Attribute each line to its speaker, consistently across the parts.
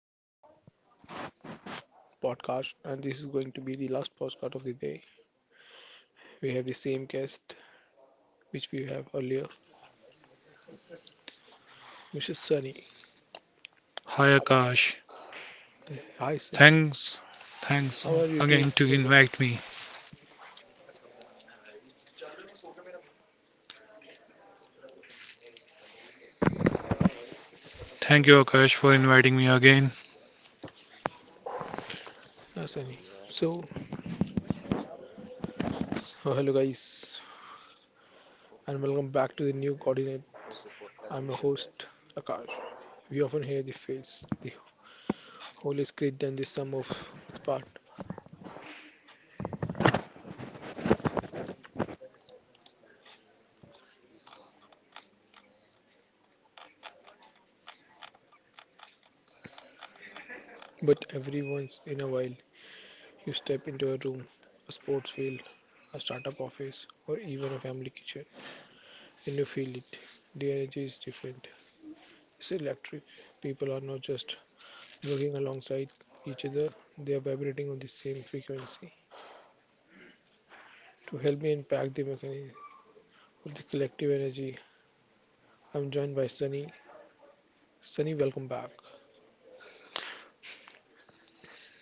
Speaker 1: more podcast, and this is going to be the last podcast of the day. We have the same guest which we have earlier, Mr. Sunny.
Speaker 2: Hi
Speaker 1: Up-
Speaker 2: Akash.
Speaker 1: Hi Sunny,
Speaker 2: Thanks. Thanks
Speaker 1: how are you
Speaker 2: again
Speaker 1: doing
Speaker 2: to
Speaker 1: again?
Speaker 2: invite me. Thank you Akash for inviting me again.
Speaker 1: Hi Sunny. So, oh, Hello guys, and welcome back to the new coordinate. I'm your host Akash. We often hear the phrase, "The whole is greater than the sum of its part," but every once in a while, you step into a room, a sports field, a startup office, or even a family kitchen, and you feel it. The energy is different. It's electric. People are not just working alongside each other, they are vibrating on the same frequency. To help me unpack the mechanism of the collective energy, I'm joined by Sunny. Sunny, welcome back.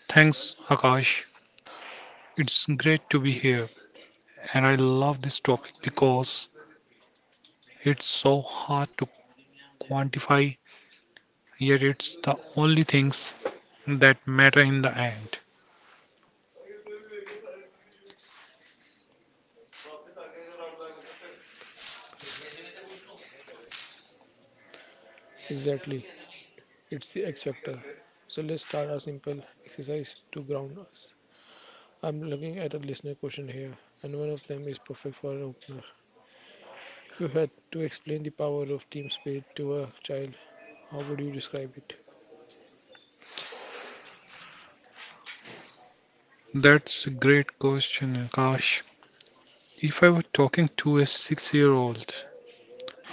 Speaker 2: Thanks Akash. It's great to be here and I love this topic because it's so hard to quantify, yet it's the only things that matter in the end.
Speaker 1: Exactly, it's the X factor. So let's start a simple exercise to ground us. I'm looking at a listener question here, and one of them is perfect for an opener. If you had to explain the power of team spirit to a child, how would you describe it?
Speaker 2: That's a great question Akash. If I were talking to a 6-year-old,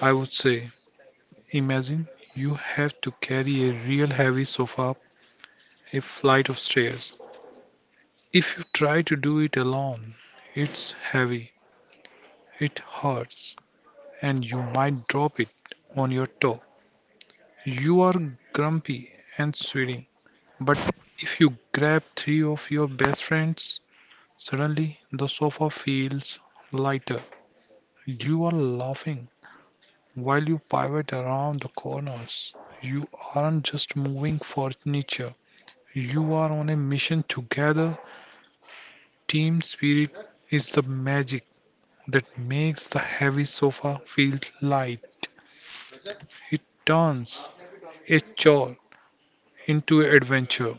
Speaker 2: I would say imagine you have to carry a real heavy sofa up a flight of stairs. If you try to do it alone, it's heavy, it hurts, and you might drop it on your toe. You are grumpy and sweating, but if you grab three of your best friends, suddenly the sofa feels lighter. You are laughing while you pivot around the corners. You aren't just moving furniture, you are on a mission together. Team spirit is the magic that makes the heavy sofa feel light. It turns a chore into adventure.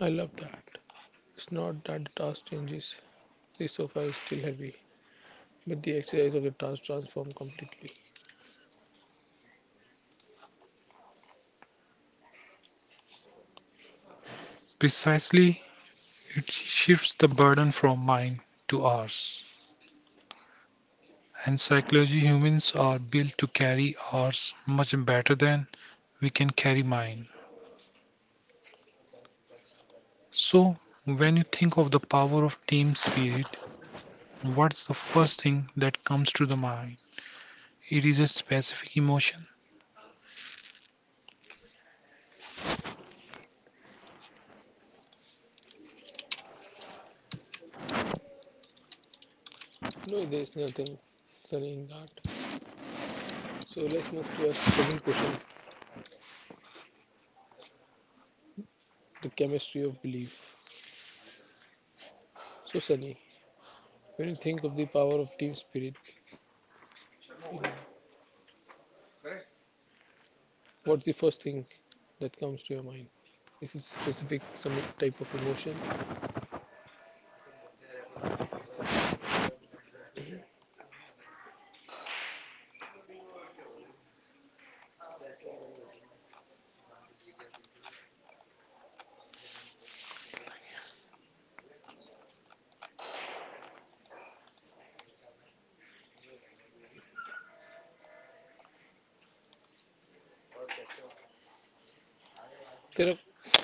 Speaker 1: I love that. It's not that the task changes, the sofa is still heavy, but the exercise of the task transforms completely.
Speaker 2: Precisely, it shifts the burden from mine to ours. And psychology humans are built to carry ours much better than we can carry mine. So, when you think of the power of team spirit, what's the first thing that comes to the mind? It is a specific emotion.
Speaker 1: No, there's nothing sunny in that. So let's move to our second question, the chemistry of belief. So, Sunny, when you think of the power of team spirit, you know, what's the first thing that comes to your mind? Is it specific, some type of emotion? तेरा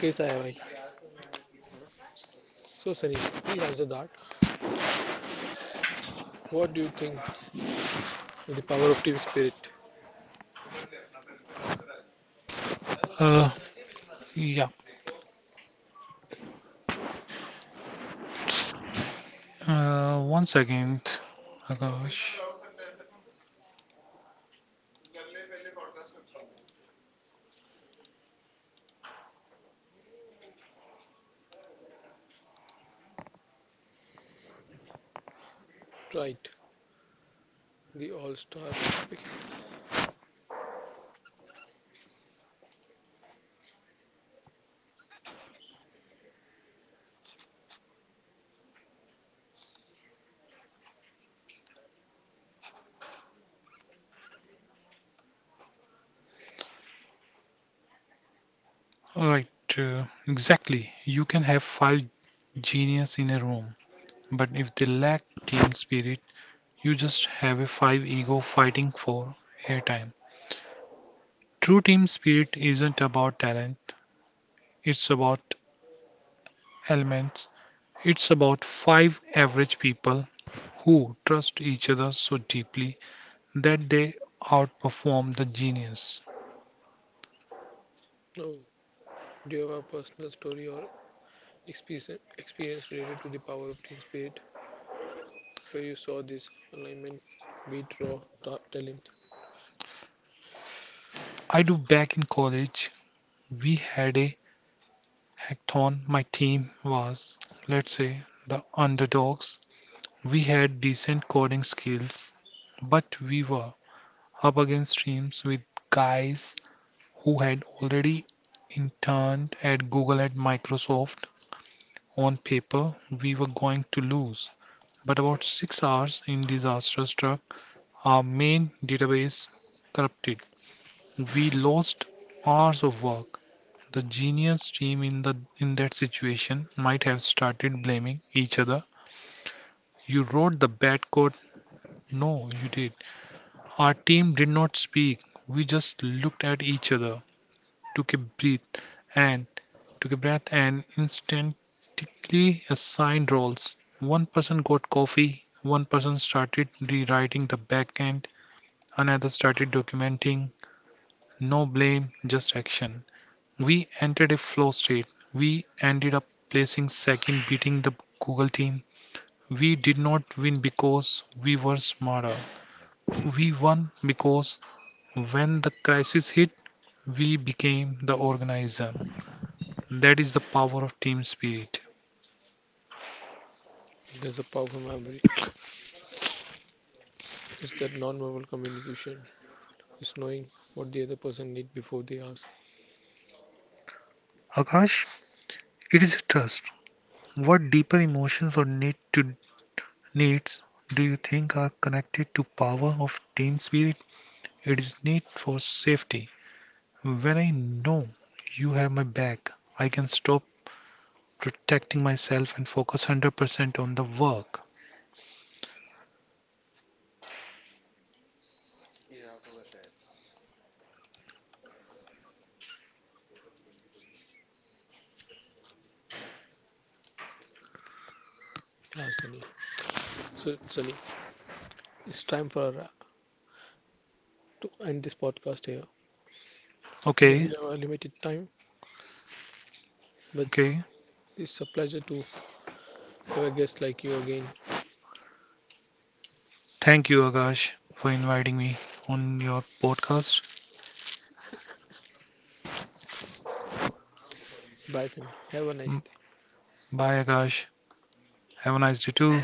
Speaker 1: कैसा है भाई. So, Sunny, please answer that. What do you think of the power of team spirit?
Speaker 2: Uh, yeah, it's one second, Akash.
Speaker 1: Right, the all star topic.
Speaker 2: Alright, exactly. You can have five genius in a room, but if they lack team spirit, you just have a five ego fighting for airtime. True team spirit isn't about talent, it's about elements. It's about five average people who trust each other so deeply that they outperform the genius.
Speaker 1: Oh, do you have a personal story or experience related to the power of team spirit where you saw this alignment beat raw dark talent?
Speaker 2: I do. Back in college, we had a Acton, my team was, let's say, the underdogs. We had decent coding skills, but we were up against teams with guys who had already interned at Google and Microsoft. On paper, we were going to lose. But about 6 hours in disaster struck, our main database corrupted. We lost hours of work. The genius team in that situation might have started blaming each other. You wrote the bad code. No, you did. Our team did not speak. We just looked at each other, took a breath, and instantly assigned roles. One person got coffee, one person started rewriting the back end, another started documenting. No blame, just action. We entered a flow state. We ended up placing second, beating the Google team. We did not win because we were smarter. We won because when the crisis hit, we became the organizer. That is the power of team spirit.
Speaker 1: There's a powerful memory. It's that non-verbal communication. It's knowing what the other person needs before they ask.
Speaker 2: Akash, it is trust. What deeper emotions or needs do you think are connected to power of team spirit? It is need for safety. When I know you have my back, I can stop protecting myself and focus 100% on the work.
Speaker 1: Yeah, Sunny. So, Sunny, it's time for our, to end this podcast here because we
Speaker 2: Okay,
Speaker 1: have a limited time. But
Speaker 2: okay.
Speaker 1: it's a pleasure to have a guest like you again.
Speaker 2: Thank you, Akash, for inviting me on your podcast.
Speaker 1: Bye, Sam. Have a nice
Speaker 2: Mm,
Speaker 1: day.
Speaker 2: bye, Akash. Have a nice day too.